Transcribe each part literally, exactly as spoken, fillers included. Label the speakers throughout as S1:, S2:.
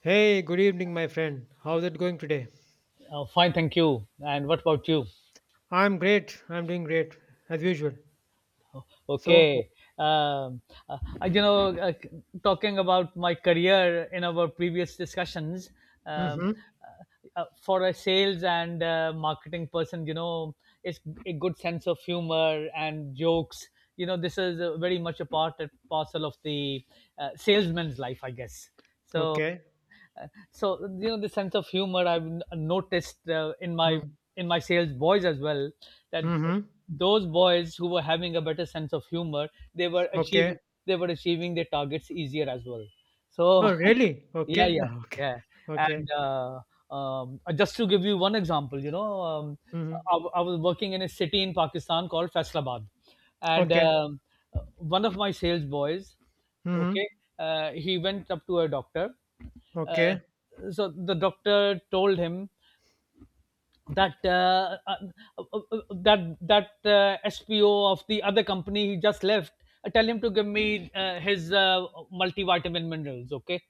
S1: Hey, good evening, my friend. How's it going today?
S2: Oh, fine, thank you. And what about you?
S1: I'm great. I'm doing great as usual. So,
S2: Okay. Um, uh, you know, uh, Talking about my career in our previous discussions, um,
S1: mm-hmm.
S2: uh, uh, for a sales and uh, marketing person, you know, it's a good sense of humor and jokes. You know, this is uh, very much a part and parcel of the uh, salesman's life, I guess. So,
S1: Okay.
S2: so you know the sense of humor I've n- noticed uh, in my
S1: hmm,
S2: in my sales boys as well, that
S1: Mm-hmm.
S2: those boys who were having a better sense of humor, they were achieving
S1: Okay.
S2: they were achieving their targets easier as well. So,
S1: Oh, really?
S2: yeah,
S1: Okay.
S2: yeah,
S1: Okay.
S2: yeah.
S1: Okay.
S2: And uh, um, uh, just to give you one example, you know um,
S1: Mm-hmm.
S2: I, I was working in a city in Pakistan called Faisalabad, and
S1: Okay.
S2: um, one of my sales boys,
S1: Mm-hmm.
S2: okay, uh, he went up to a doctor. Uh,
S1: Okay.
S2: so the doctor told him that uh, uh, uh, uh, that that uh, S P O of the other company he just left. uh, Tell him to give me uh, his uh, multivitamin minerals, okay?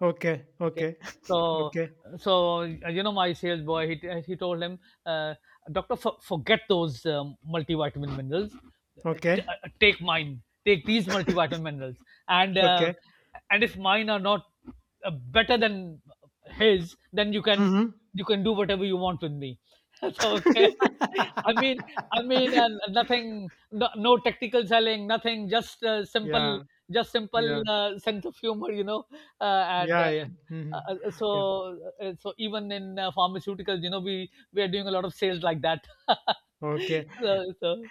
S1: Okay.
S2: Okay,
S1: Okay.
S2: so
S1: Okay.
S2: so uh, you know my sales boy, he uh, he told him, uh, doctor, for, forget those um, multivitamin minerals. T-
S1: Okay.
S2: uh, take mine. Take these multivitamin minerals, and uh,
S1: Okay.
S2: and if mine are not uh, better than his, then you can
S1: Mm-hmm.
S2: you can do whatever you want with me. So okay, I mean, I mean, uh, nothing, no, no technical selling, nothing, just uh, simple,
S1: yeah.
S2: just simple
S1: Yeah.
S2: uh, sense of humor. You know, uh, and. Uh,
S1: Yeah. Yeah. Mm-hmm.
S2: uh, uh,
S1: Yeah.
S2: so, uh, so even in uh, pharmaceuticals, you know, we we are doing a lot of sales like that.
S1: Okay.
S2: so, so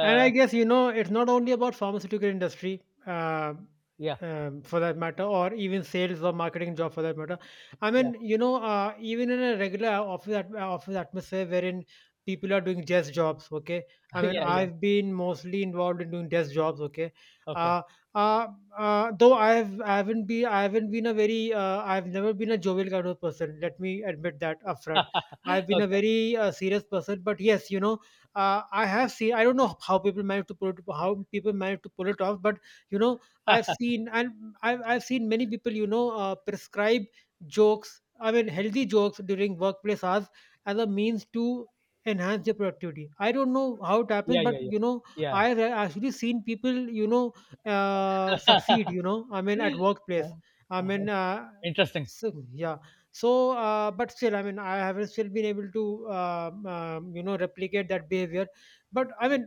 S1: And I guess you know it's not only about pharmaceutical industry, uh,
S2: yeah,
S1: um, for that matter, or even sales or marketing job for that matter. I
S2: yeah,
S1: mean, you know, uh, even in a regular office at, office atmosphere wherein people are doing desk jobs. Okay, I mean,
S2: yeah, yeah.
S1: I've been mostly involved in doing desk jobs. Okay.
S2: Okay,
S1: Uh, uh, uh, though I've I haven't been I haven't been a very uh, I've never been a jovial kind of person. Let me admit that upfront. I've been a
S2: okay.
S1: very uh, serious person, but yes, you know, uh, I have seen. I don't know how people manage to pull it, how people manage to pull it off, but you know, I've seen and I've, I've seen many people, you know, uh, prescribe jokes. I mean, healthy jokes during workplace hours as a means to enhance their productivity. I don't know how it happens,
S2: Yeah,
S1: but
S2: yeah,
S1: you know,
S2: yeah,
S1: I have actually seen people, you know, uh,
S2: yeah.
S1: succeed. You know, I mean, at workplace.
S2: Uh,
S1: I
S2: uh,
S1: mean, uh,
S2: Interesting.
S1: so yeah, so uh, but still I mean I haven't still been able to uh, um, you know, replicate that behavior, but I mean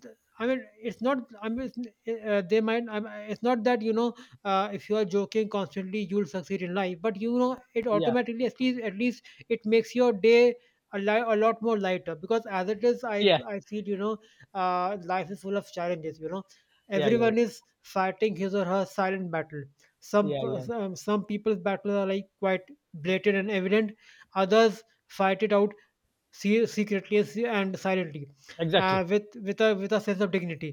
S1: th- I mean, it's not. I mean, it's, uh, they might. I mean, it's not that you know. Uh, if you are joking constantly, you'll succeed in life. But you know, it
S2: Yeah.
S1: automatically, at least at least it makes your day a li- a lot more lighter. Because as it is, I
S2: Yeah.
S1: I feel you know, uh, life is full of challenges. You know,
S2: Yeah. Yeah.
S1: everyone is fighting his or her silent battle. Some
S2: Yeah.
S1: p-
S2: Yeah.
S1: some some people's battles are like quite blatant and evident. Others fight it out se- secretly and se- and silently, uh,
S2: Exactly.
S1: with with a with a sense of dignity.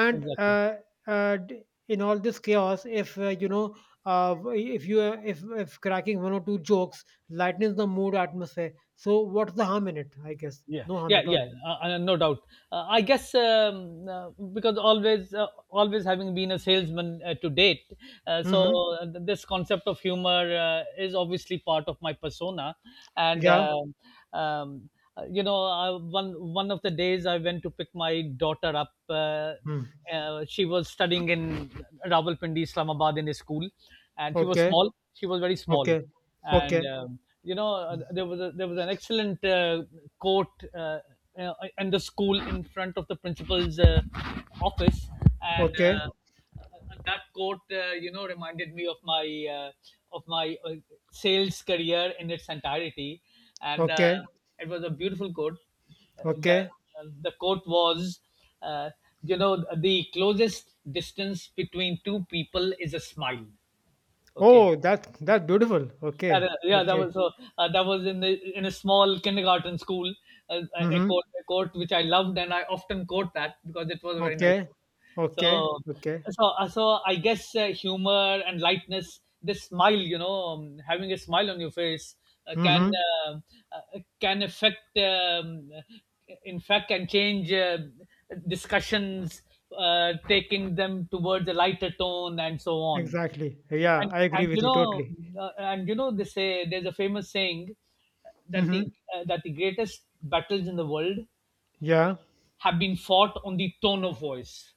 S1: And
S2: Exactly.
S1: uh, uh, d- in all this chaos, if uh, you know, uh, w- if you uh, if if cracking one or two jokes lightens the mood atmosphere, so what's the harm in it? I guess
S2: Yeah,
S1: no harm
S2: yeah,
S1: at all.
S2: yeah, uh, uh, no doubt. uh, I guess um, uh, because always uh, always having been a salesman uh, to date, uh, so
S1: Hmm.
S2: uh, th- this concept of humor uh, is obviously part of my persona, and
S1: Yeah.
S2: um um, uh, you know uh, one one of the days I went to pick my daughter up. Uh,
S1: Hmm.
S2: uh, She was studying in Rawalpindi Islamabad in a school, and she was
S1: Okay.
S2: small, she was very small.
S1: Okay.
S2: And
S1: Okay.
S2: um, you know uh, there was a, there was an excellent uh, quote uh, uh, in the school in front of the principal's uh, office. And
S1: Okay.
S2: uh, that quote uh, you know reminded me of my, uh, of my uh, sales career in its entirety. And uh,
S1: Okay.
S2: it was a beautiful quote. uh, the
S1: Okay.
S2: uh, the quote was, uh, you know, the closest distance between two people is a smile. Okay.
S1: Oh, that that's beautiful.
S2: That,
S1: Okay.
S2: uh, yeah, that
S1: Okay.
S2: was so. Uh, that was in the, in a small kindergarten school, uh, uh, a
S1: Mm-hmm.
S2: court, a court which I loved, and I often quote that because it was a very nice
S1: Okay.
S2: quote.
S1: Okay. Okay.
S2: So, so, uh, so I guess uh, humor and lightness, this smile, you know, um, having a smile on your face uh, can
S1: Mhm.
S2: uh, uh, can affect, um, uh, in fact, can change uh, discussions, uh, taking them towards a lighter tone, and so on.
S1: Exactly. Yeah,
S2: and
S1: I agree
S2: and
S1: with
S2: you
S1: you
S2: know
S1: totally.
S2: uh, and you know they say there's a famous saying that the
S1: Mhm.
S2: uh, that the greatest battles in the world
S1: Yeah.
S2: have been fought on the tone of voice.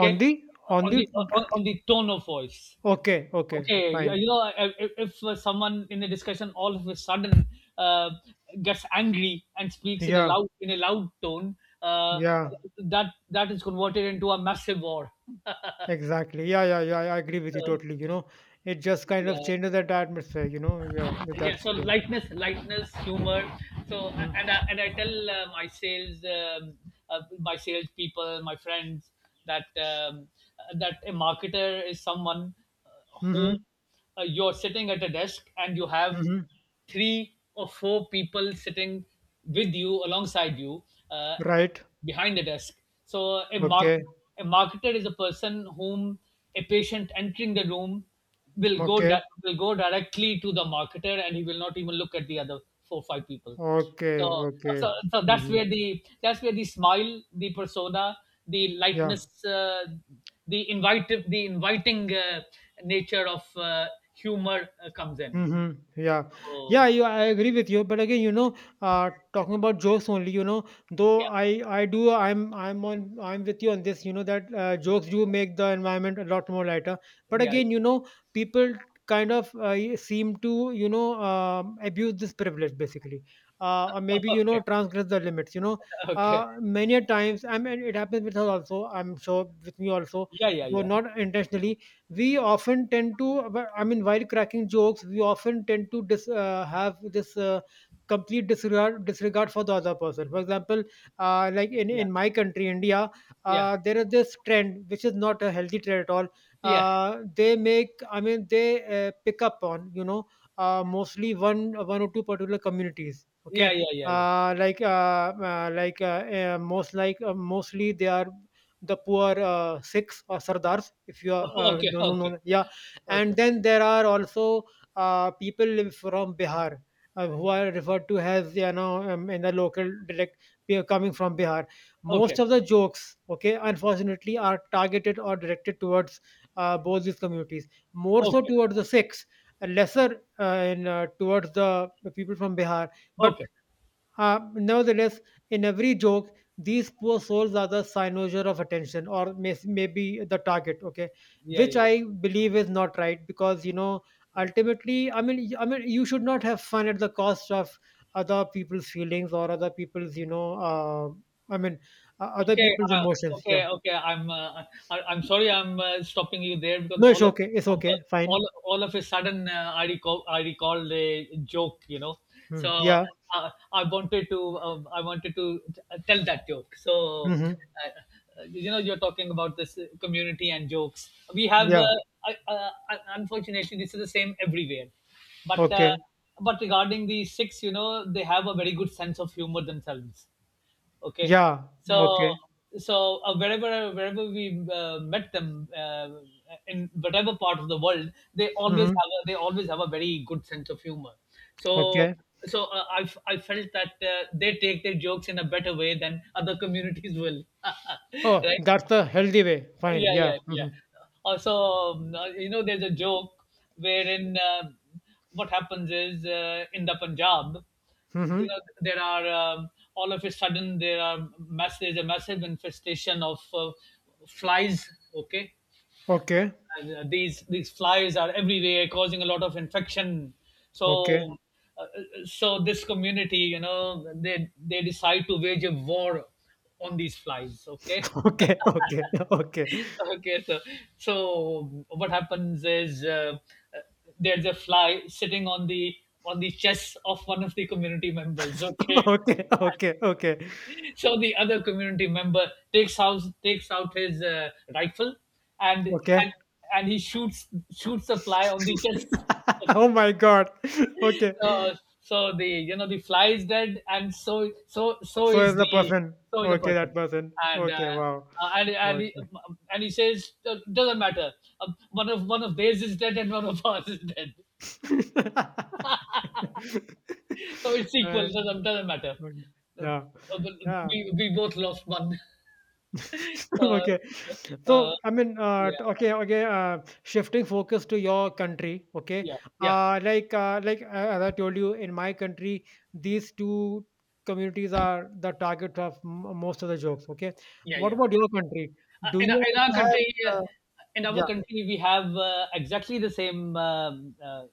S1: On the on
S2: on
S1: the
S2: the on, on the tone of voice.
S1: okay, okay.
S2: Okay. You, you
S1: Fine.
S2: know, if, if uh, someone in a discussion all of a sudden uh, gets angry and speaks in a
S1: Yeah.
S2: loud, in a loud tone, uh,
S1: Yeah.
S2: that that is converted into a massive war.
S1: Exactly. Yeah, yeah, yeah. I agree with you
S2: uh,
S1: totally. You know, it just kind of
S2: yeah,
S1: changes that atmosphere, you know. Yeah,
S2: yeah.
S1: that's
S2: So
S1: the
S2: lightness, lightness humor. So, a-
S1: mm.
S2: and i, and I tell uh, my sales, um, uh, my sales people, my friends, that um, uh, that a marketer is someone, uh, whom,
S1: Mhm.
S2: uh, you're sitting at a desk and you have
S1: Mhm.
S2: three or four people sitting with you alongside you, uh,
S1: Right.
S2: behind the desk. So a mark
S1: Okay.
S2: a marketer is a person whom a patient entering the room will go
S1: Okay.
S2: di- will go directly to the marketer, and he will not even look at the other four five people.
S1: Okay.
S2: So,
S1: Okay.
S2: so, so that's
S1: Mhm.
S2: where the that's where the smile, the persona, the
S1: Yeah.
S2: lightness, uh, the invite the inviting uh, nature of uh, humor uh, comes in.
S1: Mm-hmm. Yeah, yeah.
S2: So,
S1: You, I agree with you. But again, you know, uh, talking about jokes only. You know, though
S2: yeah,
S1: I, I do. I'm, I'm on. I'm with you on this. You know that uh, jokes do make the environment a lot more lighter. But
S2: yeah, yeah.
S1: again, you know, people kind of uh, y- seem to, you know, um, abuse this privilege basically, uh, or maybe you know
S2: Okay,
S1: transgress the limits. You know,
S2: okay.
S1: uh, many a times. I mean, it happens with us also. I'm sure with me also,
S2: Yeah, yeah,
S1: though
S2: yeah,
S1: not intentionally we often tend to, well, I mean while cracking jokes we often tend to dis, uh, have this uh, complete disregard disregard for the other person. For example, uh, like in,
S2: yeah,
S1: in my country India,
S2: yeah,
S1: uh, there is this trend which is not a healthy trend at all.
S2: yeah,
S1: Uh, they make, I mean they uh, pick up on, you know, uh, mostly one one or two particular communities, okay.
S2: yeah, yeah, yeah, yeah.
S1: uh, like uh, uh, like uh, uh, most like uh, Mostly they are the poor uh, Sikhs or Sardars, if you are uh,
S2: Okay,
S1: no no
S2: okay,
S1: no yeah, and
S2: okay,
S1: then there are also uh, people from Bihar, uh, who are referred to as, you know, um, in the local dialect, they are coming from Bihar.
S2: okay,
S1: Most of the jokes, okay, unfortunately, are targeted or directed towards uh, both these communities, more so
S2: okay,
S1: towards the Sikhs, and lesser uh, in uh, towards the people from Bihar, but
S2: okay.
S1: uh, nevertheless, in every joke, these poor souls are the cynosure of attention, or may, maybe the target. Okay,
S2: Yeah,
S1: which
S2: yeah,
S1: I believe is not right because you know
S2: yeah.
S1: ultimately, I mean, y- I mean, you should not have fun at the cost of other people's feelings or other people's, you know, uh, I mean, uh, other
S2: Okay,
S1: people's
S2: uh,
S1: emotions. Yeah.
S2: okay, okay. I'm uh, I, I'm sorry. I'm uh, Stopping you there because
S1: No, it's
S2: all of
S1: okay. It's
S2: of the-
S1: okay. Fine.
S2: all all of a sudden, uh, I recall I recalled a joke. You know, so
S1: Hmm. Yeah.
S2: uh, I wanted to um I wanted to t- tell that joke. So
S1: Hmm.
S2: uh, uh, you know, you're talking about this uh, community and jokes. We have, uh,
S1: Yeah.
S2: I, uh, un- unfortunately this is the same everywhere, but. Uh,
S1: Okay.
S2: but regarding the Sikhs, you know, they have a very good sense of humor themselves. Okay,
S1: Yeah.
S2: so
S1: Okay.
S2: so uh, wherever wherever we uh, met them uh, in whatever part of the world, they always
S1: Hmm.
S2: have a, they always have a very good sense of humor. So
S1: Okay.
S2: so uh, I f- I felt that uh, they take their jokes in a better way than other communities will.
S1: Oh,
S2: Right?
S1: that's the healthy way. Fine.
S2: Yeah,
S1: Yeah.
S2: yeah, yeah.
S1: Hmm.
S2: Also, um, uh, you know, there's a joke wherein uh, what happens is uh, in the Punjab, you know,
S1: Mhm.
S2: there are um, all of a sudden, there are mass there's a massive infestation of uh, flies. Okay.
S1: Okay.
S2: And, uh, these these flies are everywhere, causing a lot of infection.
S1: Okay.
S2: So, uh, so this community, you know, they they decide to wage a war on these flies. Okay.
S1: Okay. Okay. Okay.
S2: Okay, so so what happens is, uh, uh, there's a fly sitting on the on the chest of one of the community members. Okay.
S1: Okay. Okay. Okay.
S2: So the other community member takes out takes out his uh, rifle and,
S1: Okay.
S2: and and he shoots shoots the fly on the chest.
S1: oh my god. Okay.
S2: So, so the you know the fly is dead, and so so so
S1: So is
S2: is
S1: the
S2: the
S1: person.
S2: so is the
S1: Okay, that
S2: person.
S1: person.
S2: And uh,
S1: Okay, wow.
S2: uh, and and he,
S1: Okay.
S2: um, um, and he says, "Uh, doesn't matter. Um, one of one of theirs is dead and one of ours is dead, so it's equal.
S1: and,
S2: Doesn't doesn't matter.
S1: okay.
S2: Uh,
S1: Yeah.
S2: uh,
S1: Yeah.
S2: we, we both lost one." uh,
S1: Okay.
S2: uh,
S1: So, I mean, uh, t-
S2: yeah,
S1: okay, okay, uh, shifting focus to your country, okay.
S2: yeah, yeah,
S1: Uh, like, uh, like uh, as I told you, in my country, these two communities are the target of m- most of the jokes, okay.
S2: yeah,
S1: What
S2: yeah.
S1: about your country?
S2: Uh,
S1: Do
S2: in
S1: you
S2: our- in our
S1: also have,
S2: country, uh,
S1: uh,
S2: in our
S1: yeah,
S2: country, we have uh, exactly the same, um uh,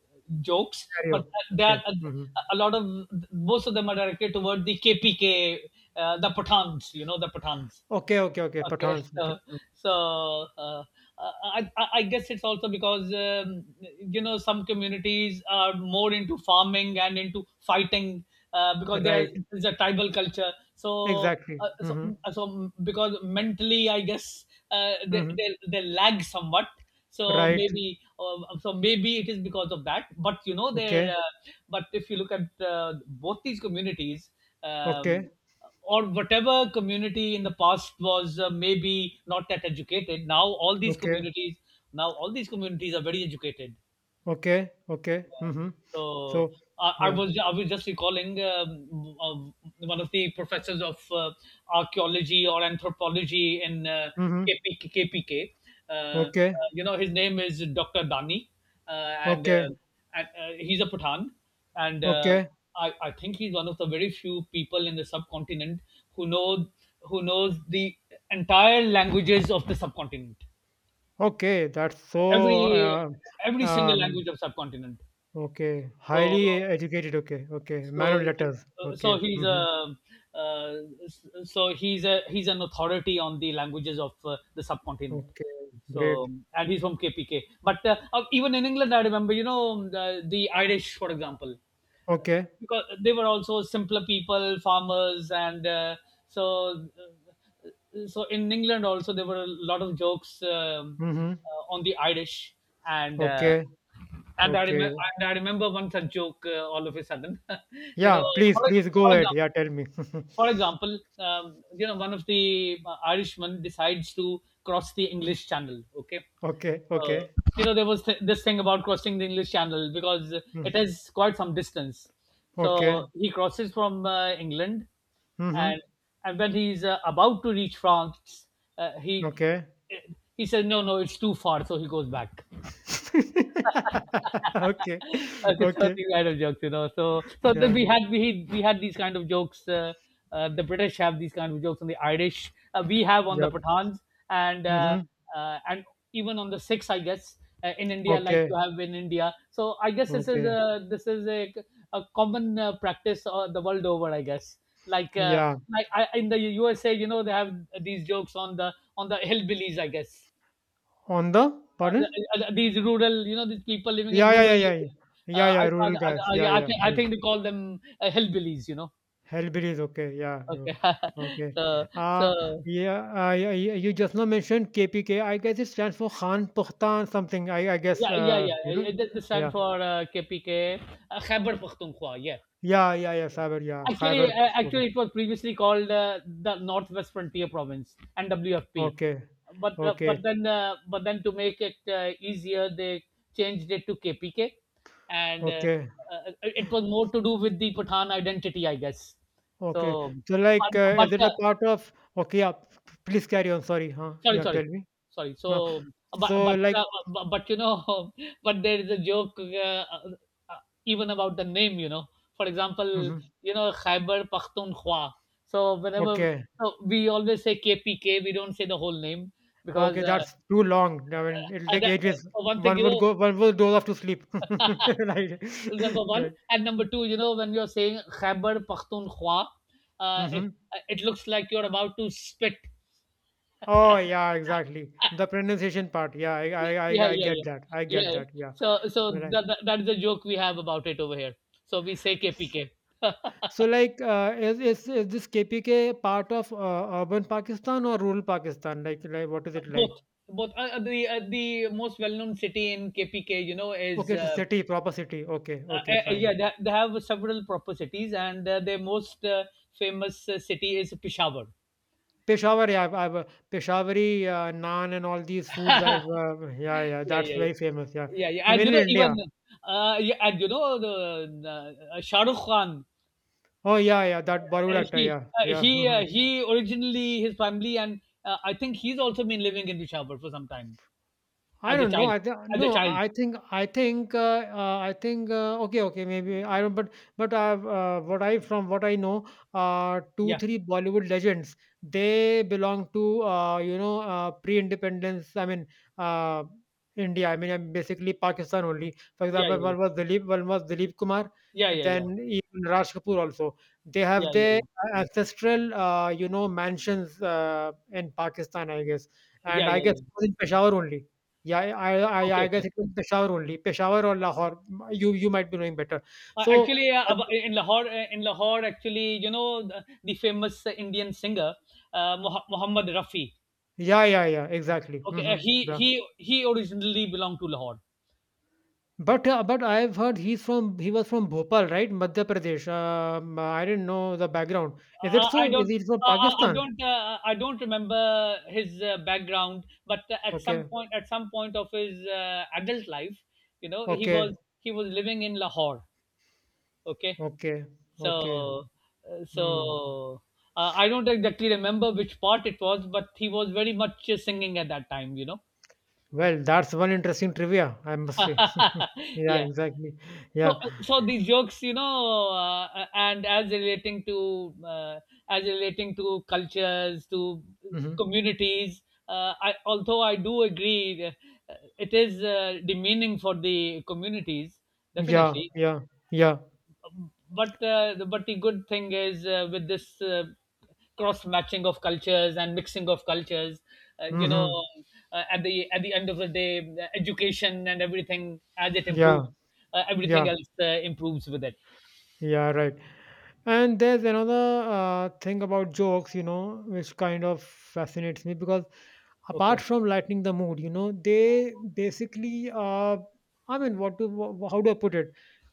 S2: jokes,
S1: carry
S2: but
S1: on.
S2: they
S1: Okay.
S2: are a,
S1: Hmm.
S2: a lot of most of them are directed toward the K P K, uh, the Pathans. You know, the Pathans.
S1: Okay, okay, okay.
S2: Okay.
S1: Pathans, okay.
S2: so
S1: Mm.
S2: so uh, I, I I guess it's also because, um, you know, some communities are more into farming and into fighting uh, because there
S1: Right.
S2: is a tribal culture. So
S1: Exactly.
S2: uh, so
S1: Mm-hmm.
S2: so because mentally, I guess uh, they,
S1: Mm-hmm.
S2: they they lag somewhat. So
S1: Right.
S2: maybe uh, so maybe it is because of that. But you know there.
S1: Okay.
S2: Uh, but if you look at uh, both these communities.
S1: Okay.
S2: Um, or whatever community in the past was uh, maybe not that educated, now all these
S1: Okay.
S2: communities now all these communities are very educated.
S1: Okay, okay.
S2: Yeah.
S1: Mhm.
S2: So
S1: So,
S2: I, I
S1: yeah.
S2: was I was just recalling um, um, one of the professors of uh, archaeology or anthropology in uh,
S1: Mhm.
S2: KP, K P K. Uh, uh,
S1: Okay,
S2: you know his name is Doctor Dani, uh, and
S1: okay,
S2: uh, and uh, he's a Pathan, and uh,
S1: okay,
S2: I I think he's one of the very few people in the subcontinent who know who knows the entire languages of the subcontinent.
S1: okay. That's so,
S2: Every
S1: uh,
S2: every single
S1: um,
S2: language of subcontinent.
S1: okay.
S2: So
S1: Highly educated. Okay, okay.
S2: so
S1: Man of letters.
S2: so
S1: Okay.
S2: he's a
S1: Mhm.
S2: uh, so he's a he's an authority on the languages of uh, the subcontinent.
S1: Okay.
S2: So,
S1: Great.
S2: and he's from KPK, but uh, uh, even in England, I remember, you know the, the Irish for example,
S1: Okay.
S2: because they were also simpler people, farmers. And uh, so uh, so in England also there were a lot of jokes, um,
S1: Mhm.
S2: uh, on the Irish, and uh,
S1: Okay.
S2: and I
S1: Okay.
S2: remember and I remember one such joke, uh, all of a sudden. You
S1: Yeah.
S2: know, for,
S1: Please, please
S2: for
S1: go ahead.
S2: example.
S1: Yeah. Tell me.
S2: For example, um, you know, one of the uh, Irishmen decides to cross the English Channel. Okay,
S1: okay.
S2: uh,
S1: Okay.
S2: you know, there was th- this thing about crossing the English Channel because
S1: Mm.
S2: it has quite some distance.
S1: Okay.
S2: So he crosses from uh, England,
S1: Mhm.
S2: and, and when he's, uh, about to reach France, uh, he,
S1: Okay.
S2: he says, "No, no, it's too far." So he goes back.
S1: okay.
S2: Okay, so
S1: Okay.
S2: these kind of jokes, you know. So, so
S1: Yeah.
S2: then we
S1: Okay.
S2: had, we we had these kind of jokes. Uh, uh, the British have these kind of jokes on the Irish. Uh, we have on the
S1: Yeah.
S2: Pathans, and uh,
S1: Mhm.
S2: uh, and even on the Sikhs, I guess, uh, in India, like you
S1: Okay,
S2: have in India. So, I guess this is
S1: okay.
S2: a this is a, a common uh, practice uh, the world over, I guess. Like uh,
S1: Yeah.
S2: like I, in the U S A, you know, they have these jokes on the on the hillbillies, I guess.
S1: On the
S2: Uh,
S1: pardon?
S2: the uh, these rural, you know, these people living in
S1: Yeah,
S2: rural
S1: yeah, yeah, yeah.
S2: areas.
S1: Yeah,
S2: Uh, I,
S1: yeah,
S2: I,
S1: rural
S2: I,
S1: guys.
S2: I,
S1: Yeah,
S2: yeah, I,
S1: yeah.
S2: think, I
S1: Yes.
S2: think they call them uh, hillbillies, you know.
S1: Hellberries, okay. Yeah, you
S2: Okay.
S1: okay.
S2: so,
S1: Uh
S2: so
S1: yeah, uh, yeah, yeah, you just now mentioned K P K. I guess it stands for Khan Paktan something. I I guess
S2: yeah, yeah,
S1: uh, you know.
S2: yeah. It, it stands
S1: Yeah.
S2: for uh, K P K, uh, Khyber Pakhtunkhwa. Yeah,
S1: Yeah, yeah, yeah, Saber, yeah.
S2: actually,
S1: Khyber
S2: uh,
S1: Pakhtunkhwa.
S2: actually, it was previously called uh, the Northwest Frontier Province (N W F P),
S1: Okay.
S2: but uh, but
S1: Okay.
S2: then uh, but then to make it uh, easier, they changed it to K P K, and uh,
S1: Okay.
S2: uh, it was more to do with the Pathan identity, I guess.
S1: Okay.
S2: So,
S1: So
S2: but
S1: like uh,
S2: but
S1: is it
S2: uh,
S1: a part of, okay, yeah, p- please carry on. Sorry, huh?
S2: sorry,
S1: Yeah,
S2: sorry,
S1: tell me.
S2: sorry.
S1: No.
S2: So, but
S1: So
S2: but
S1: like
S2: uh, but, but you know, but there is a joke uh, uh, uh, even about the name. You know, for example,
S1: Mhm.
S2: you know, Khyber Pakhtunkhwa. So whenever
S1: Okay.
S2: so We always say K P K, we don't say the whole name,
S1: Okay,
S2: because uh,
S1: that's too long. I mean, it'll
S2: uh,
S1: take
S2: that, uh,
S1: ages.
S2: for one thing,
S1: One
S2: you
S1: would
S2: know,
S1: go, one would doze off to sleep. Right.
S2: number one,
S1: Right.
S2: and number two, you know, when you're saying Khyber Pakhtunkhwa, uh, it
S1: Hmm.
S2: uh, it looks like you're about to spit.
S1: Oh, yeah, exactly. The pronunciation part. Yeah, I, I,
S2: Yeah,
S1: I, I
S2: yeah,
S1: get
S2: yeah,
S1: that. I get
S2: yeah. yeah.
S1: that. Yeah.
S2: So, so
S1: Right.
S2: that, that that is the joke we have about it over here. So we say K P K.
S1: So, like, uh, is, is, is this K P K part of uh, urban Pakistan or rural Pakistan? Like, like, what is it like?
S2: Both, both. Uh, uh, the uh, the most well-known city in K P K, you know, is
S1: Okay, it's a
S2: uh,
S1: city, proper city. Okay,
S2: uh,
S1: okay,
S2: uh,
S1: fine.
S2: yeah. They, they have several proper cities, and uh, their most uh, famous uh, city is Peshawar.
S1: Peshawari, I've, I've uh, Peshawari uh, naan and all these foods.
S2: yeah,
S1: I've uh, yeah, yeah,
S2: yeah,
S1: that's
S2: yeah,
S1: very famous. Yeah,
S2: yeah, yeah. And
S1: even
S2: you
S1: in
S2: know, even
S1: India.
S2: uh, yeah, and you know, the uh, Shah Rukh Khan.
S1: Oh yeah, yeah, that
S2: Uh,
S1: Barudak.
S2: he
S1: Yeah,
S2: uh,
S1: yeah.
S2: he uh, he originally, his family, and uh, I think he's also been living in Peshawar for some time.
S1: I
S2: As a
S1: don't know.
S2: child
S1: I think
S2: as a
S1: no.
S2: child.
S1: I think I think uh, uh, I think uh, okay, okay, maybe I don't. But but uh, uh, what I, from what I know, uh, two
S2: Yeah
S1: three Bollywood legends, they belong to uh, you know, uh, pre-independence. I mean uh, India. I mean uh, basically Pakistan only. For
S2: yeah
S1: example,
S2: yeah
S1: one was Dilip, one was Dilip Kumar,
S2: yeah
S1: and
S2: yeah yeah
S1: then even Raj Kapoor also. They
S2: yeah
S1: have
S2: yeah yeah
S1: their
S2: yeah
S1: ancestral uh, you know, mansions uh, in Pakistan, I guess,
S2: yeah
S1: and I
S2: yeah
S1: guess
S2: yeah
S1: it was in Peshawar only. Yeah, I I I
S2: okay
S1: I guess
S2: okay
S1: it was Peshawar only. Peshawar or Lahore. You you might be knowing better.
S2: uh,
S1: So,
S2: actually uh,
S1: uh,
S2: ab- in lahore uh, in lahore actually, you know, the, the famous uh, Indian singer, uh, Moh- Muhammad Rafi,
S1: yeah, yeah, yeah, exactly.
S2: okay, uh,
S1: Hmm.
S2: he
S1: Yeah.
S2: he he originally belonged to Lahore.
S1: But uh, but I've heard he's from, he was from Bhopal, right? Madhya Pradesh. Um, I didn't know the background. Is it
S2: uh,
S1: so?
S2: i
S1: Is
S2: don't
S1: he from
S2: uh, uh, I
S1: Pakistan?
S2: don't. Uh, I don't remember his uh, background, but uh, at some
S1: Okay,
S2: point, at some point of his uh, adult life, you know, he
S1: okay,
S2: was he was living in Lahore. Okay,
S1: okay, okay.
S2: so, uh,
S1: Hmm.
S2: so uh, I don't exactly remember which part it was, but he was very much uh, singing at that time, you know.
S1: Well, that's one interesting trivia, I must say. Yeah,
S2: yeah.
S1: exactly.
S2: So,
S1: Yeah.
S2: uh, so these jokes, you know, uh, uh, and as relating to uh, as relating to cultures, to
S1: Hmm.
S2: communities. Uh, I, although I do agree, uh, it is uh, demeaning for the communities,
S1: Yeah,
S2: definitely.
S1: yeah, yeah.
S2: but uh, the- but the good thing is, uh, with this uh, cross matching of cultures and mixing of cultures, uh, you know,
S1: Hmm.
S2: uh, at the at the end of the day, the education and everything, as it
S1: Yeah,
S2: improves, uh, everything
S1: yeah,
S2: else uh, improves with it.
S1: yeah, right. And there's another uh, thing about jokes, you know, which kind of fascinates me because apart
S2: Okay.
S1: from lightening the mood, you know they basically uh, I mean, what do wh- how do I put it,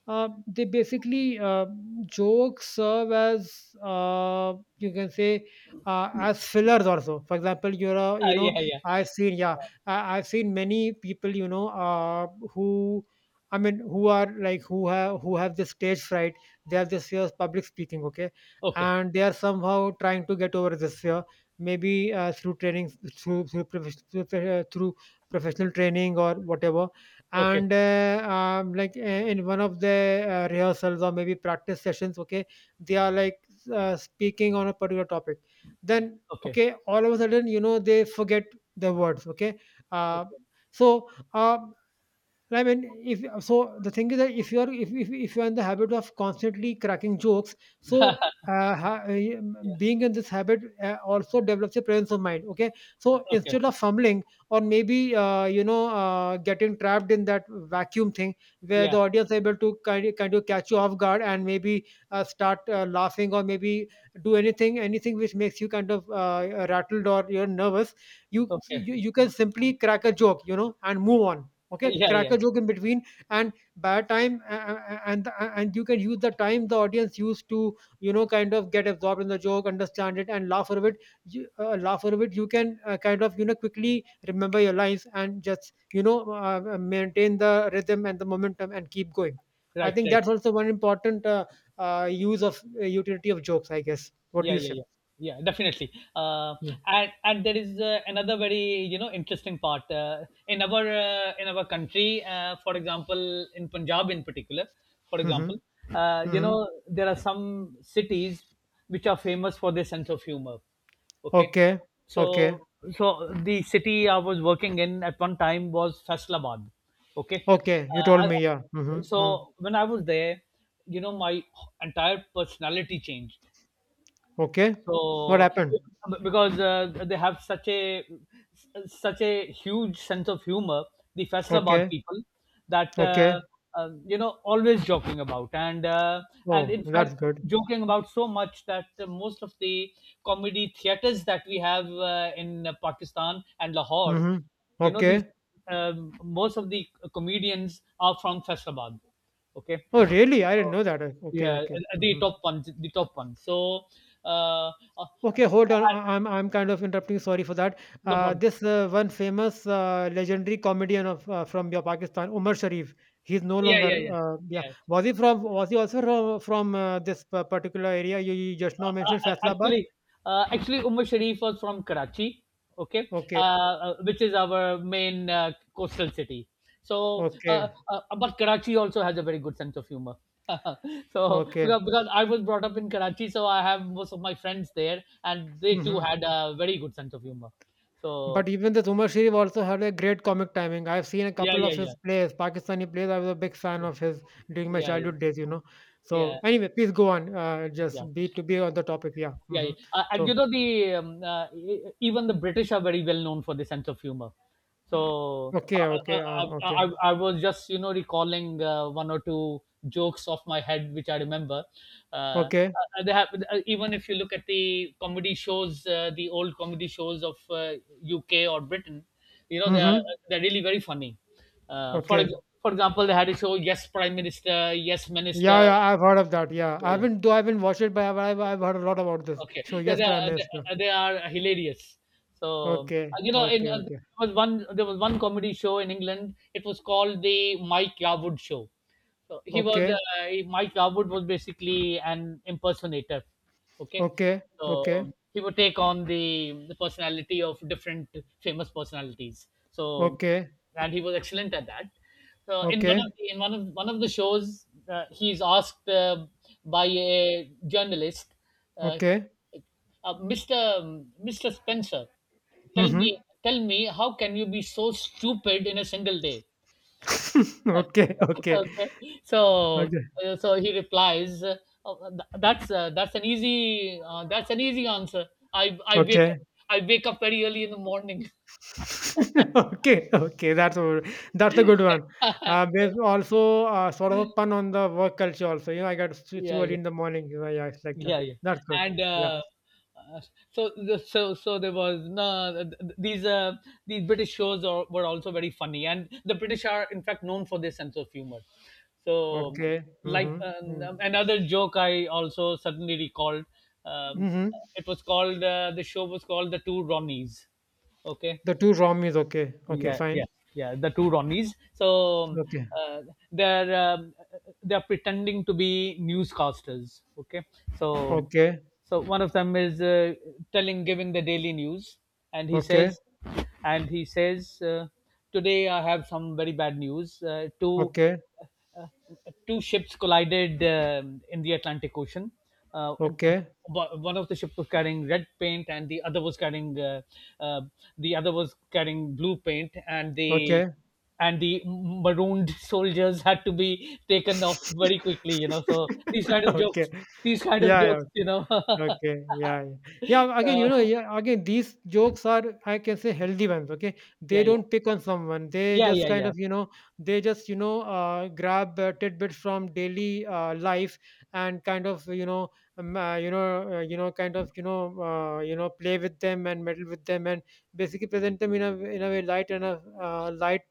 S1: uh, they basically uh, jokes serve as, uh, you can say, uh, as fillers also. For example, you're a, you
S2: uh,
S1: know,
S2: yeah yeah
S1: I've seen, yeah, I, I've seen many people, you know, uh, who, I mean, who are like, who have who have this stage fright, they have this fear of public speaking, okay,
S2: okay
S1: and they are somehow trying to get over this fear, maybe uh, through training, through through, profes- through, uh, through professional training or whatever,
S2: okay
S1: and uh, um, like uh, in one of the uh, rehearsals or maybe practice sessions, okay, they are like uh, speaking on a particular topic, then
S2: okay
S1: okay, all of a sudden you know they forget the words, okay, uh,
S2: okay
S1: so uh, right, I mean, if so, the thing is that if you are, if if, if you are in the habit of constantly cracking jokes, so uh, ha, eh,
S2: yeah
S1: being in this habit uh, also develops a presence of mind. Okay, so
S2: okay
S1: instead of fumbling or maybe uh, you know uh, getting trapped in that vacuum thing where
S2: yeah
S1: the audience are able to kind of, kind of catch you off guard and maybe uh, start uh, laughing or maybe do anything anything which makes you kind of uh, rattled or you're nervous, you,
S2: okay.
S1: you you can simply crack a joke, you know, and move on. Okay,
S2: yeah
S1: crack
S2: yeah
S1: a joke in between and bad time a- a- a- and and you can use the time the audience used to, you know, kind of get absorbed in the joke, understand it and laugh over it. You, uh, laugh over it, you can uh, kind of, you know, quickly remember your lines and just, you know, uh, uh, maintain the rhythm and the momentum and keep going. I
S2: right,
S1: think
S2: right
S1: that's also one important uh, uh, use of uh, utility of jokes, I guess. What do
S2: yeah
S1: you
S2: yeah
S1: say?
S2: yeah yeah definitely. uh,
S1: Mm-hmm.
S2: and and there is uh, another very, you know, interesting part, uh, in our uh, in our country, uh, for example, in Punjab in particular, for
S1: Mm-hmm.
S2: example, uh, you know, there are some cities which are famous for their sense of humor. Okay.
S1: Okay.
S2: so
S1: Okay.
S2: so the city I was working in at one time was Faisalabad. Okay.
S1: Okay, you
S2: uh,
S1: told
S2: I-
S1: me. Yeah. Mm-hmm.
S2: so
S1: Hmm.
S2: when I was there, you know, my entire personality changed,
S1: Okay. What
S2: so
S1: happened?
S2: because uh, they have such a such a huge sense of humor, the Faisalabad
S1: Okay.
S2: people, that
S1: Okay.
S2: uh, uh, you know, always joking about. And uh, and
S1: Oh,
S2: in
S1: that's
S2: fact,
S1: good.
S2: joking about so much that uh, most of the comedy theaters that we have, uh, in uh, Pakistan and Lahore,
S1: Mhm.
S2: you know, these,
S1: Okay.
S2: um, most of the comedians are from Faisalabad. Okay.
S1: Oh, really? I
S2: So,
S1: didn't know that. Uh, Okay.
S2: yeah, uh,
S1: Okay.
S2: uh, the
S1: Mhm.
S2: top one, the top one. So, uh, uh, uh,
S1: Okay, hold on. I- I'm I'm kind of interrupting. Sorry for that.
S2: no
S1: Uh,
S2: problem.
S1: this uh, one famous uh, legendary comedian of uh, from your Pakistan, Umar Sharif. He's no
S2: Yeah,
S1: longer.
S2: yeah, yeah,
S1: Uh, yeah.
S2: yeah.
S1: Was he from? Was he also from, from uh, this pa- particular area you, you just now
S2: Uh,
S1: mentioned,
S2: uh,
S1: Faisalabad?
S2: actually, uh, Actually, Umar Sharif was from Karachi, okay, uh,
S1: Okay.
S2: uh, which is our main uh, coastal city. So,
S1: Okay.
S2: uh, uh, but Karachi also has a very good sense of humor. So,
S1: Okay.
S2: because, because I was brought up in Karachi, so I have most of my friends there, and they too
S1: Hmm.
S2: had a very good sense of humor. So,
S1: But even this Umar Sharif also had a great comic timing. I've seen a
S2: yeah,
S1: couple
S2: yeah,
S1: of his
S2: yeah,
S1: plays, Pakistani plays. I was a big fan
S2: yeah,
S1: of his during my
S2: yeah, yeah,
S1: childhood days, you know.
S2: yeah.
S1: So anyway, please go on. Uh,
S2: yeah.
S1: just be to be on the topic. Yeah.
S2: yeah,
S1: Hmm.
S2: yeah. Uh, and you
S1: So
S2: know, the, um, uh, e- e, even the British are very well known for the sense of humor. So
S1: okay,
S2: I, I,
S1: okay, uh, okay,
S2: I, I I was just, you know, recalling uh, one or two jokes off my head which I remember. Uh,
S1: okay.
S2: uh, they have, uh, even if you look at the comedy shows, uh, the old comedy shows of uh, U K or Britain, you know, they're
S1: Hmm.
S2: they're really very funny. Uh, for ex-
S1: Okay.
S2: for example, they had a show, Yes Prime Minister, Yes Minister.
S1: Yeah, yeah. I've heard of that. Yeah, I haven't though. I haven't watched it, but I've, I've I've heard a lot about this.
S2: Okay,
S1: So
S2: yeah,
S1: yes,
S2: they
S1: Prime
S2: are, they
S1: Minister.
S2: uh, they are hilarious. So,
S1: Okay,
S2: uh, you know, in,
S1: okay,
S2: uh,
S1: okay,
S2: there was one there was one comedy show in England. It was called the Mike Yarwood Show. So he was
S1: okay,
S2: uh, he- Mike Garwood was basically an impersonator. Okay,
S1: okay,
S2: so
S1: okay,
S2: he would take on the the personality of different famous personalities. So
S1: okay,
S2: and he was excellent at that. So in one
S1: okay,
S2: of the, in one of one of the shows, uh, he's asked uh, by a journalist, uh,
S1: okay.
S2: uh, Mr. um, mister Spencer, tell
S1: Mm-hmm.
S2: me, tell me how can you be so stupid in a single day?
S1: Okay, okay.
S2: Okay. So
S1: Okay.
S2: uh, so he replies, uh, "Oh, th- that's uh, that's an easy uh, that's an easy answer. I i wake
S1: Okay.
S2: up, I wake up very early in the morning."
S1: Okay, okay, that's a that's a good one. Uh, there's also, uh, sort of a pun on the work culture also, you know, "I got s too
S2: yeah
S1: early
S2: yeah
S1: in the morning," you know, yeah, it's like that.
S2: yeah yeah
S1: That's good.
S2: and
S1: Yeah.
S2: uh, uh, so, the, so so there was no, these uh, these British shows are, were also very funny, and the British are in fact known for their sense of humor. So,
S1: Okay.
S2: like,
S1: Mhm. Mm.
S2: um, another joke I also suddenly recalled, um,
S1: Mhm.
S2: it was called uh, the show was called The Two Ronnies. Okay,
S1: The two rom is okay. Okay,
S2: yeah yeah
S1: fine.
S2: yeah the Two Ronnies. So
S1: Okay.
S2: uh, they're, um, they're pretending to be newscasters. Okay. So
S1: Okay.
S2: so one of them is, uh, telling giving the daily news, and he
S1: Okay.
S2: says, and he says uh, "Today I have some very bad news. uh, two
S1: Okay.
S2: uh, Two ships collided, um, in the Atlantic Ocean. Uh, um,
S1: Okay.
S2: one One of the ships was carrying red paint, and the other was carrying, uh, uh, the other was carrying blue paint, and the
S1: Okay.
S2: and the marooned soldiers had to be taken off very quickly." You know, so these kind of
S1: Okay.
S2: jokes, these kind of
S1: Yeah, yeah.
S2: jokes, you know. uh,
S1: Okay, yeah, yeah. Yeah, again, you know, yeah, again, these jokes are, I can say, healthy ones, okay? They
S2: yeah, yeah,
S1: don't pick on someone. They
S2: yeah,
S1: just
S2: yeah,
S1: kind
S2: yeah.
S1: of, you know, they just, you know, uh, grab uh, tidbits from daily uh, life and kind of, you know, um, uh, you know, uh, you know, kind of, you know, uh, you know, play with them and meddle with them and basically present them in a in a way light and a uh, light,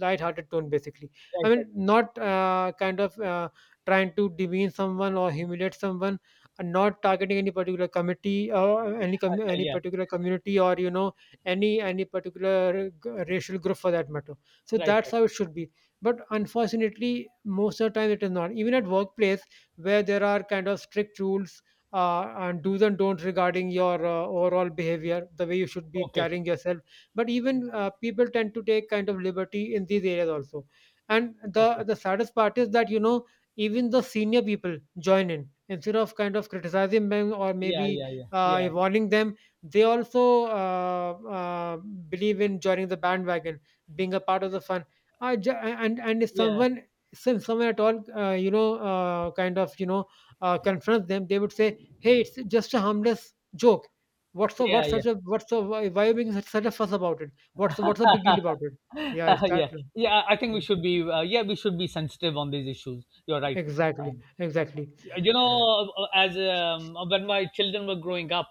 S1: light-hearted tone basically. I
S2: Right, right,
S1: mean, not uh, kind of uh, trying to demean someone or humiliate someone, and not targeting any particular committee or any com- any
S2: yeah,
S1: particular community or you know any any particular g- racial group for that matter. So
S2: right,
S1: that's
S2: right.
S1: how it should be. But unfortunately, most of the time it is not, even at workplace where there are kind of strict rules uh, and do's and don'ts regarding your uh, overall behavior, the way you should be
S2: Okay,
S1: carrying yourself. But even uh, people tend to take kind of liberty in these areas also. And
S2: okay.
S1: the the saddest part is that, you know, even the senior people join in instead of kind of criticizing them or
S2: Yeah,
S1: maybe
S2: yeah, yeah,
S1: uh,
S2: yeah,
S1: warning them. They also uh, uh, believe in joining the bandwagon, being a part of the fun. I ju- and and if
S2: yeah,
S1: someone, since someone at all uh, you know uh, kind of, you know, uh, confronts them, they would say, "Hey, it's just a harmless joke. What's the,
S2: yeah,
S1: what's
S2: yeah.
S1: such a, what's the, why why are you making such, such a fuss about it? What's the, what's the big deal about it?" Yeah,
S2: Uh, yeah,
S1: exactly.
S2: yeah. I think we should be, uh, yeah, we should be sensitive on these issues. You're right.
S1: Yeah, exactly,
S2: Um,
S1: exactly.
S2: you know, as, um, when my children were growing up,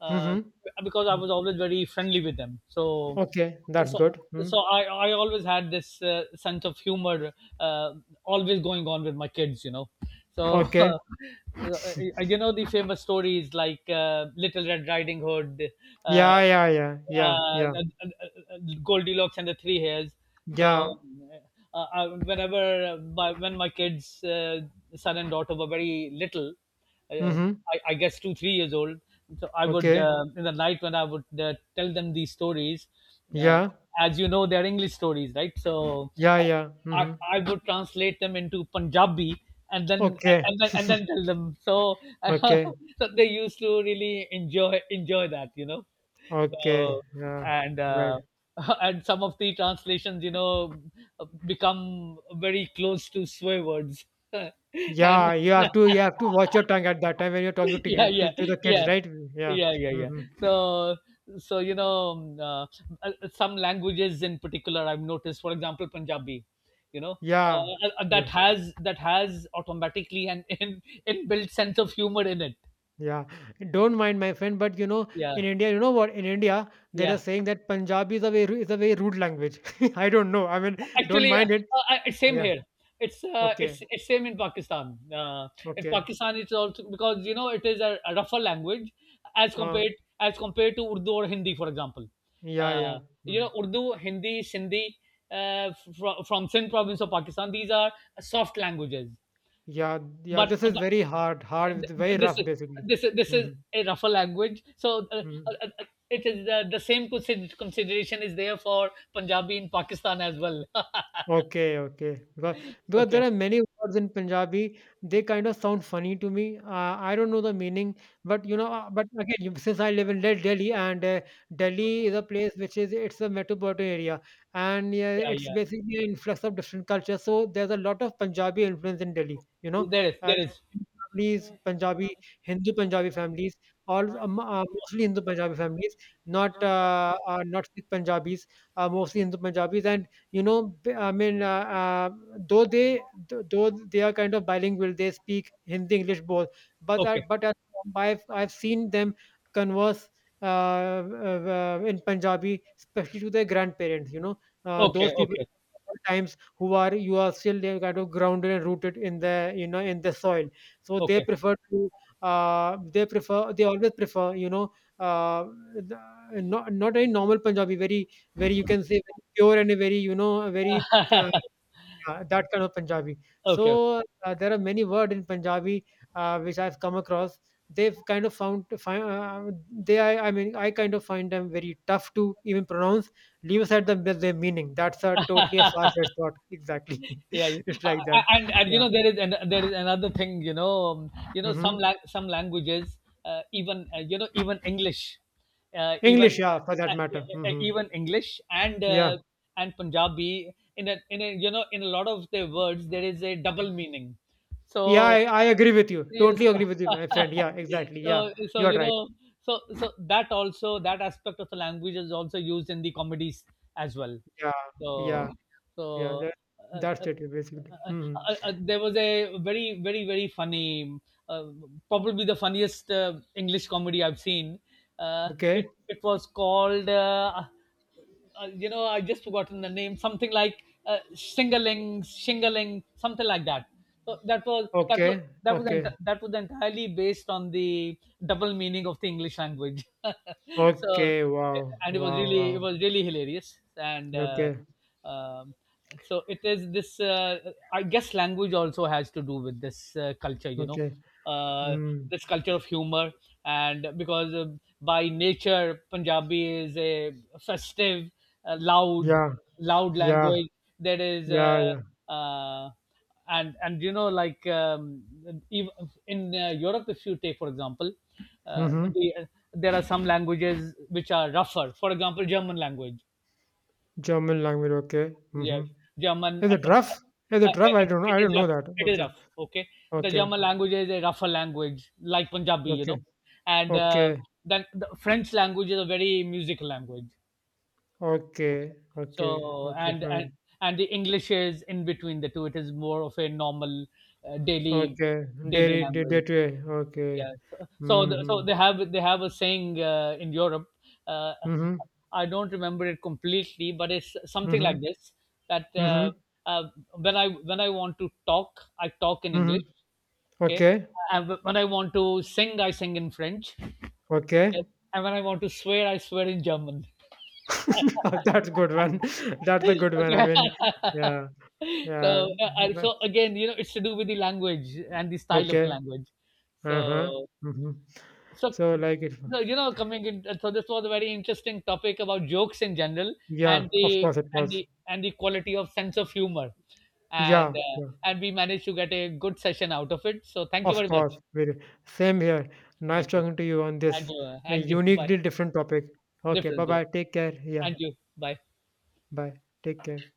S2: uh,
S1: Mm-hmm.
S2: because I
S1: Mm-hmm.
S2: was always very friendly with them, so
S1: Okay, that's
S2: so
S1: good. Mm.
S2: so I I always had this uh, sense of humor, uh, always going on with my kids. You know, so
S1: Okay.
S2: uh, you know the famous stories, like uh, Little Red Riding Hood. Uh,
S1: Yeah, yeah, yeah, yeah,
S2: uh,
S1: yeah,
S2: Goldilocks and the Three Hairs. So
S1: yeah.
S2: uh, uh, whenever uh, my, when my kids, uh, son and daughter, were very little, uh,
S1: Mm-hmm.
S2: I, I guess two three years old, so I would,
S1: Okay.
S2: uh, in the night, when I would uh, tell them these stories. Uh,
S1: Yeah,
S2: as you know, they're English stories, right? So
S1: yeah,
S2: uh,
S1: yeah.
S2: I,
S1: Mm-hmm.
S2: I would translate them into Punjabi. And then
S1: Okay,
S2: and then and then tell them. So,
S1: okay,
S2: so they used to really enjoy enjoy that, you know.
S1: okay.
S2: So,
S1: Yeah,
S2: and
S1: right.
S2: uh, and some of the translations, you know, become very close to swear words. and
S1: Yeah, you have to, you have to watch your tongue at that time when you're talking
S2: yeah,
S1: to, to,
S2: yeah,
S1: to the kids,
S2: yeah,
S1: right? Yeah.
S2: yeah, yeah, yeah.
S1: Mm-hmm.
S2: So, so you know, um, uh, uh, some languages in particular, I've noticed. For example, Punjabi, you know.
S1: Yeah.
S2: Uh, uh,
S1: Yeah.
S2: that has that has automatically an in, inbuilt sense of humor in it.
S1: Yeah, don't mind my friend, but you know,
S2: Yeah,
S1: in India, you know what? In India, there
S2: yeah.
S1: is saying that Punjabi is a very is a very rude language. I don't know. I mean, don't
S2: Actually, uh,
S1: mind it.
S2: uh, uh, it's same
S1: Yeah.
S2: here. It's uh, it's
S1: Okay.
S2: it's same in Pakistan. Uh, in
S1: Okay.
S2: Pakistan, it's also because, you know, it is a, a rougher language as
S1: Uh,
S2: compared as compared to Urdu or Hindi, for example.
S1: yeah.
S2: Uh,
S1: Yeah.
S2: you
S1: Mhm.
S2: know, Urdu, Hindi, Sindhi, uh, fr- from Sindh province of Pakistan. These are soft languages,
S1: Yeah. Yeah.
S2: but,
S1: This
S2: uh,
S1: is
S2: but
S1: very hard. Hard. It's very
S2: this
S1: rough,
S2: is
S1: basically.
S2: this is this is
S1: Hmm.
S2: a rougher language. So uh, uh, uh, it is, uh, the same consider- consideration is there for Punjabi in Pakistan as well.
S1: Okay, okay. Because, because there
S2: okay.
S1: are many words in Punjabi, they kind of sound funny to me. Uh, I don't know the meaning, but you know, uh, but again, you- since I live in Del- Delhi, and uh, Delhi is a place which is, it's a metropolitan area, and yeah,
S2: Yeah,
S1: it's
S2: yeah.
S1: basically an influx of different cultures. So there's a lot of Punjabi influence in Delhi. You know,
S2: There is,
S1: uh,
S2: there is.
S1: families, Punjabi, Hindu Punjabi families, all um, uh, mostly Hindu Punjabi families, not uh, uh, not Sikh Punjabis, uh, mostly Hindu Punjabis, and you know, b- i mean uh, uh, though they th- though they are kind of bilingual, they speak Hindi, English both, but
S2: Okay,
S1: at, but at, I've, I've seen them converse uh, uh, uh, in Punjabi, especially to their grandparents, you know, uh, those
S2: okay,
S1: people
S2: okay,
S1: times who are you are still, they're kind of grounded and rooted in the, you know, in the soil. So they
S2: okay,
S1: prefer to uh, they prefer they always prefer, you know, uh, the, not, not any normal Punjabi, very, where you can say very pure and a very, you know, a very uh, yeah, that kind of Punjabi.
S2: okay.
S1: So uh, there are many words in Punjabi uh, which I've come across. They've kind of found find, uh, they I, I mean I kind of find them very tough to even pronounce. Leave aside the their meaning. That's a totally a far fetched thought. Exactly,
S2: Yeah, yeah.
S1: it's
S2: Uh,
S1: like that.
S2: uh, and and you
S1: Yeah.
S2: know, there is, and there is another thing. You know, um, you know, some
S1: Hmm.
S2: lang- some languages, uh, even uh, you know, even English, uh, even
S1: English, yeah, for that
S2: uh, uh,
S1: matter.
S2: uh,
S1: Hmm.
S2: even English and
S1: Yeah,
S2: uh, and Punjabi, in a, in a, you know, in a lot of their words, there is a double meaning.
S1: yeah,
S2: So,
S1: I, I agree with you.
S2: yeah,
S1: Totally agree with you,
S2: so,
S1: my friend. Yeah, exactly. Yeah,
S2: so so
S1: you're
S2: you
S1: right.
S2: know, so so that also, that aspect of the language is also used in the comedies as well.
S1: Yeah, yeah.
S2: So so
S1: Yeah, that,
S2: uh,
S1: that's
S2: uh,
S1: it basically.
S2: uh,
S1: Mhm.
S2: uh, uh, there was a very, very, very funny, uh, probably the funniest uh, English comedy I've seen. Uh, it
S1: Okay.
S2: it was called uh, uh, You know, I just forgotten the name, something like uh, shingling, shingling, something like that. So that was that was
S1: Okay.
S2: that was
S1: Okay.
S2: ent- that was entirely based on the double meaning of the English language. So,
S1: Okay. Wow.
S2: and it was
S1: Wow.
S2: really, it
S1: Wow.
S2: was really hilarious, and uh,
S1: Okay.
S2: um, so it is this, uh, I guess language also has to do with this uh, culture, you know,
S1: Okay.
S2: uh,
S1: Mm.
S2: this culture of humor. And because, uh, by nature, Punjabi is a festive, uh, loud,
S1: Yeah.
S2: loud
S1: Yeah.
S2: language. That is, uh,
S1: Yeah. Yeah.
S2: uh, and and you know, like, um, ev- in uh, Europe, if you take for example, uh,
S1: Mm-hmm.
S2: the, there are some languages which are rougher. For example, German language.
S1: German language. Okay.
S2: Yeah,
S1: Mm-hmm.
S2: German
S1: Is
S2: and,
S1: it rough? Is
S2: uh, uh,
S1: it rough? I
S2: it,
S1: don't know.
S2: it
S1: I
S2: is
S1: don't know
S2: rough.
S1: that.
S2: It is
S1: Okay.
S2: rough. Okay, the
S1: Okay.
S2: German language is a rougher language, like Punjabi, you
S1: Okay.
S2: know. And uh,
S1: Okay.
S2: then the French language is a very musical language. Okay,
S1: Okay. Okay.
S2: so,
S1: Okay.
S2: and and
S1: Fine.
S2: and the English is in between the two. It is more of a normal uh, daily
S1: Okay.
S2: daily
S1: Daily, day, day
S2: language.
S1: to day.
S2: Yeah.
S1: Okay.
S2: So so, the, so
S1: Mm-hmm.
S2: they have, they have a saying uh, in Europe. Uh,
S1: Mm-hmm.
S2: I don't remember it completely, but it's something
S1: Mm-hmm.
S2: like this: that, uh,
S1: Mm-hmm.
S2: uh, when I when I want to talk, I talk in
S1: Mm-hmm.
S2: English. Okay.
S1: Okay.
S2: And wh- when I want to sing, I sing in French.
S1: Okay.
S2: Okay? And when I want to swear, I swear in German.
S1: Oh, that's good one. That's a
S2: Okay.
S1: good one. I mean, yeah,
S2: So,
S1: yeah.
S2: uh, uh,
S1: Like-
S2: so again, you know, it's to do with the language and the style of the
S1: Okay.
S2: language.
S1: Uh-huh.
S2: So,
S1: Hmm.
S2: so
S1: So like it,
S2: so, you know, coming in so this was a very interesting topic about jokes in general,
S1: yeah,
S2: and
S1: of
S2: the
S1: course it
S2: and
S1: was.
S2: the and the quality of sense of humor. And,
S1: Yeah,
S2: uh,
S1: yeah,
S2: and we managed to get a good session out of it, so thank you
S1: of
S2: very
S1: course.
S2: much.
S1: Very same here. Nice
S2: Thank you.
S1: talking to you on
S2: and
S1: this
S2: you
S1: uh,
S2: and you Bye.
S1: uniquely different topic. Okay,
S2: Different,
S1: bye
S2: yeah
S1: bye. Take care. Yeah,
S2: And you, bye.
S1: bye. Take care.